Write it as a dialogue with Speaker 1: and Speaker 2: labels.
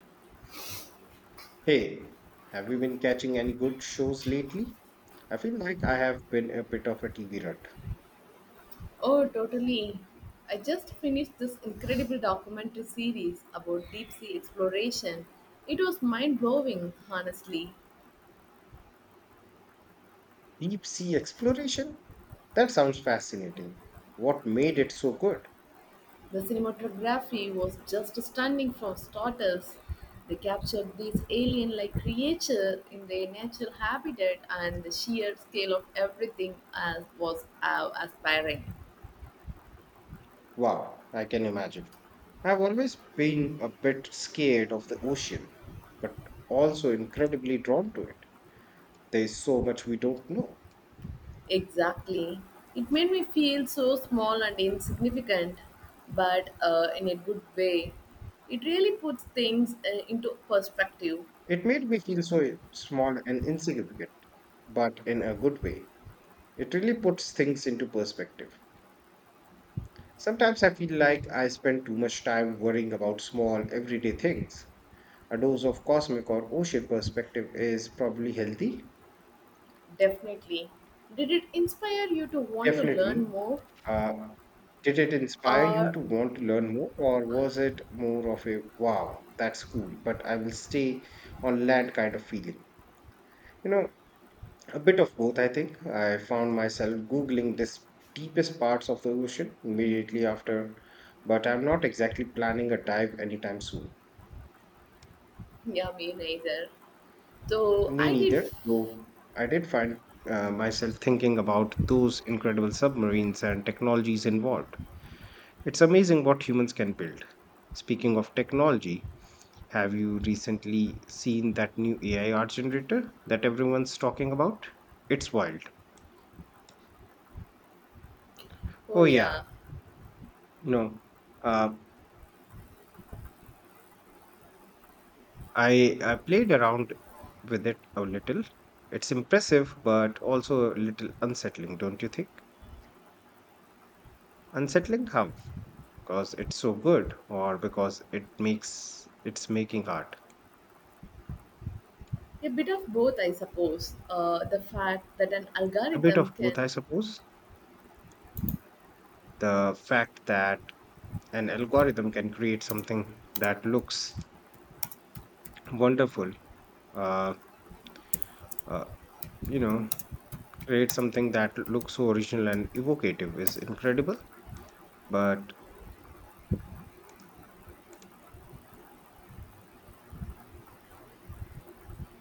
Speaker 1: Hey, have you been catching any good shows lately? I feel like I have been a bit of a TV rut.
Speaker 2: Oh, totally. I just finished this incredible documentary series about deep sea exploration. It was mind blowing, honestly.
Speaker 1: Deep sea exploration? That sounds fascinating. What made it so good?
Speaker 2: The cinematography was just stunning for starters. They captured these alien like creatures in their natural habitat, and the sheer scale of everything as was aspiring.
Speaker 1: Wow, I can imagine. I've always been a bit scared of the ocean, but also incredibly drawn to it. There is so much we don't know.
Speaker 2: Exactly. It made me feel so small and insignificant, but in a good way. It really puts things into perspective,
Speaker 1: It made me feel so small and insignificant, but in a good way. It really puts things into perspective. Sometimes I feel like I spend too much time worrying about small, everyday things. A dose of cosmic or ocean perspective is probably healthy.
Speaker 2: definitely. Did it inspire you to want to learn
Speaker 1: Definitely.
Speaker 2: more?
Speaker 1: Uh, did it inspire you
Speaker 2: Or,
Speaker 1: to want to learn more, or was it more of a wow, that's cool, but I will stay on land kind of feeling? You know, a bit of both, I think. I found myself Googling this deepest parts of the ocean immediately after, but I'm not exactly planning a dive anytime soon.
Speaker 2: yeah, me neither. So,
Speaker 1: Me
Speaker 2: I did,
Speaker 1: neither, though I did find myself thinking about those incredible submarines and technologies involved. It's amazing what humans can build. Speaking of technology, have you recently seen that new AI art generator that everyone's talking about? It's wild.
Speaker 2: oh
Speaker 1: Oh yeah,
Speaker 2: yeah,
Speaker 1: no. Uh, I played around with it a little. It's impressive, but also a little unsettling, don't you think? Unsettling how? Because it's so good or because it's making art
Speaker 2: a bit of both, I suppose. The fact that an
Speaker 1: a bit
Speaker 2: algorithm
Speaker 1: of both,
Speaker 2: can
Speaker 1: I suppose, the fact that an algorithm can create something that looks wonderful, uh, uh, you know create something that looks so original and evocative is incredible, but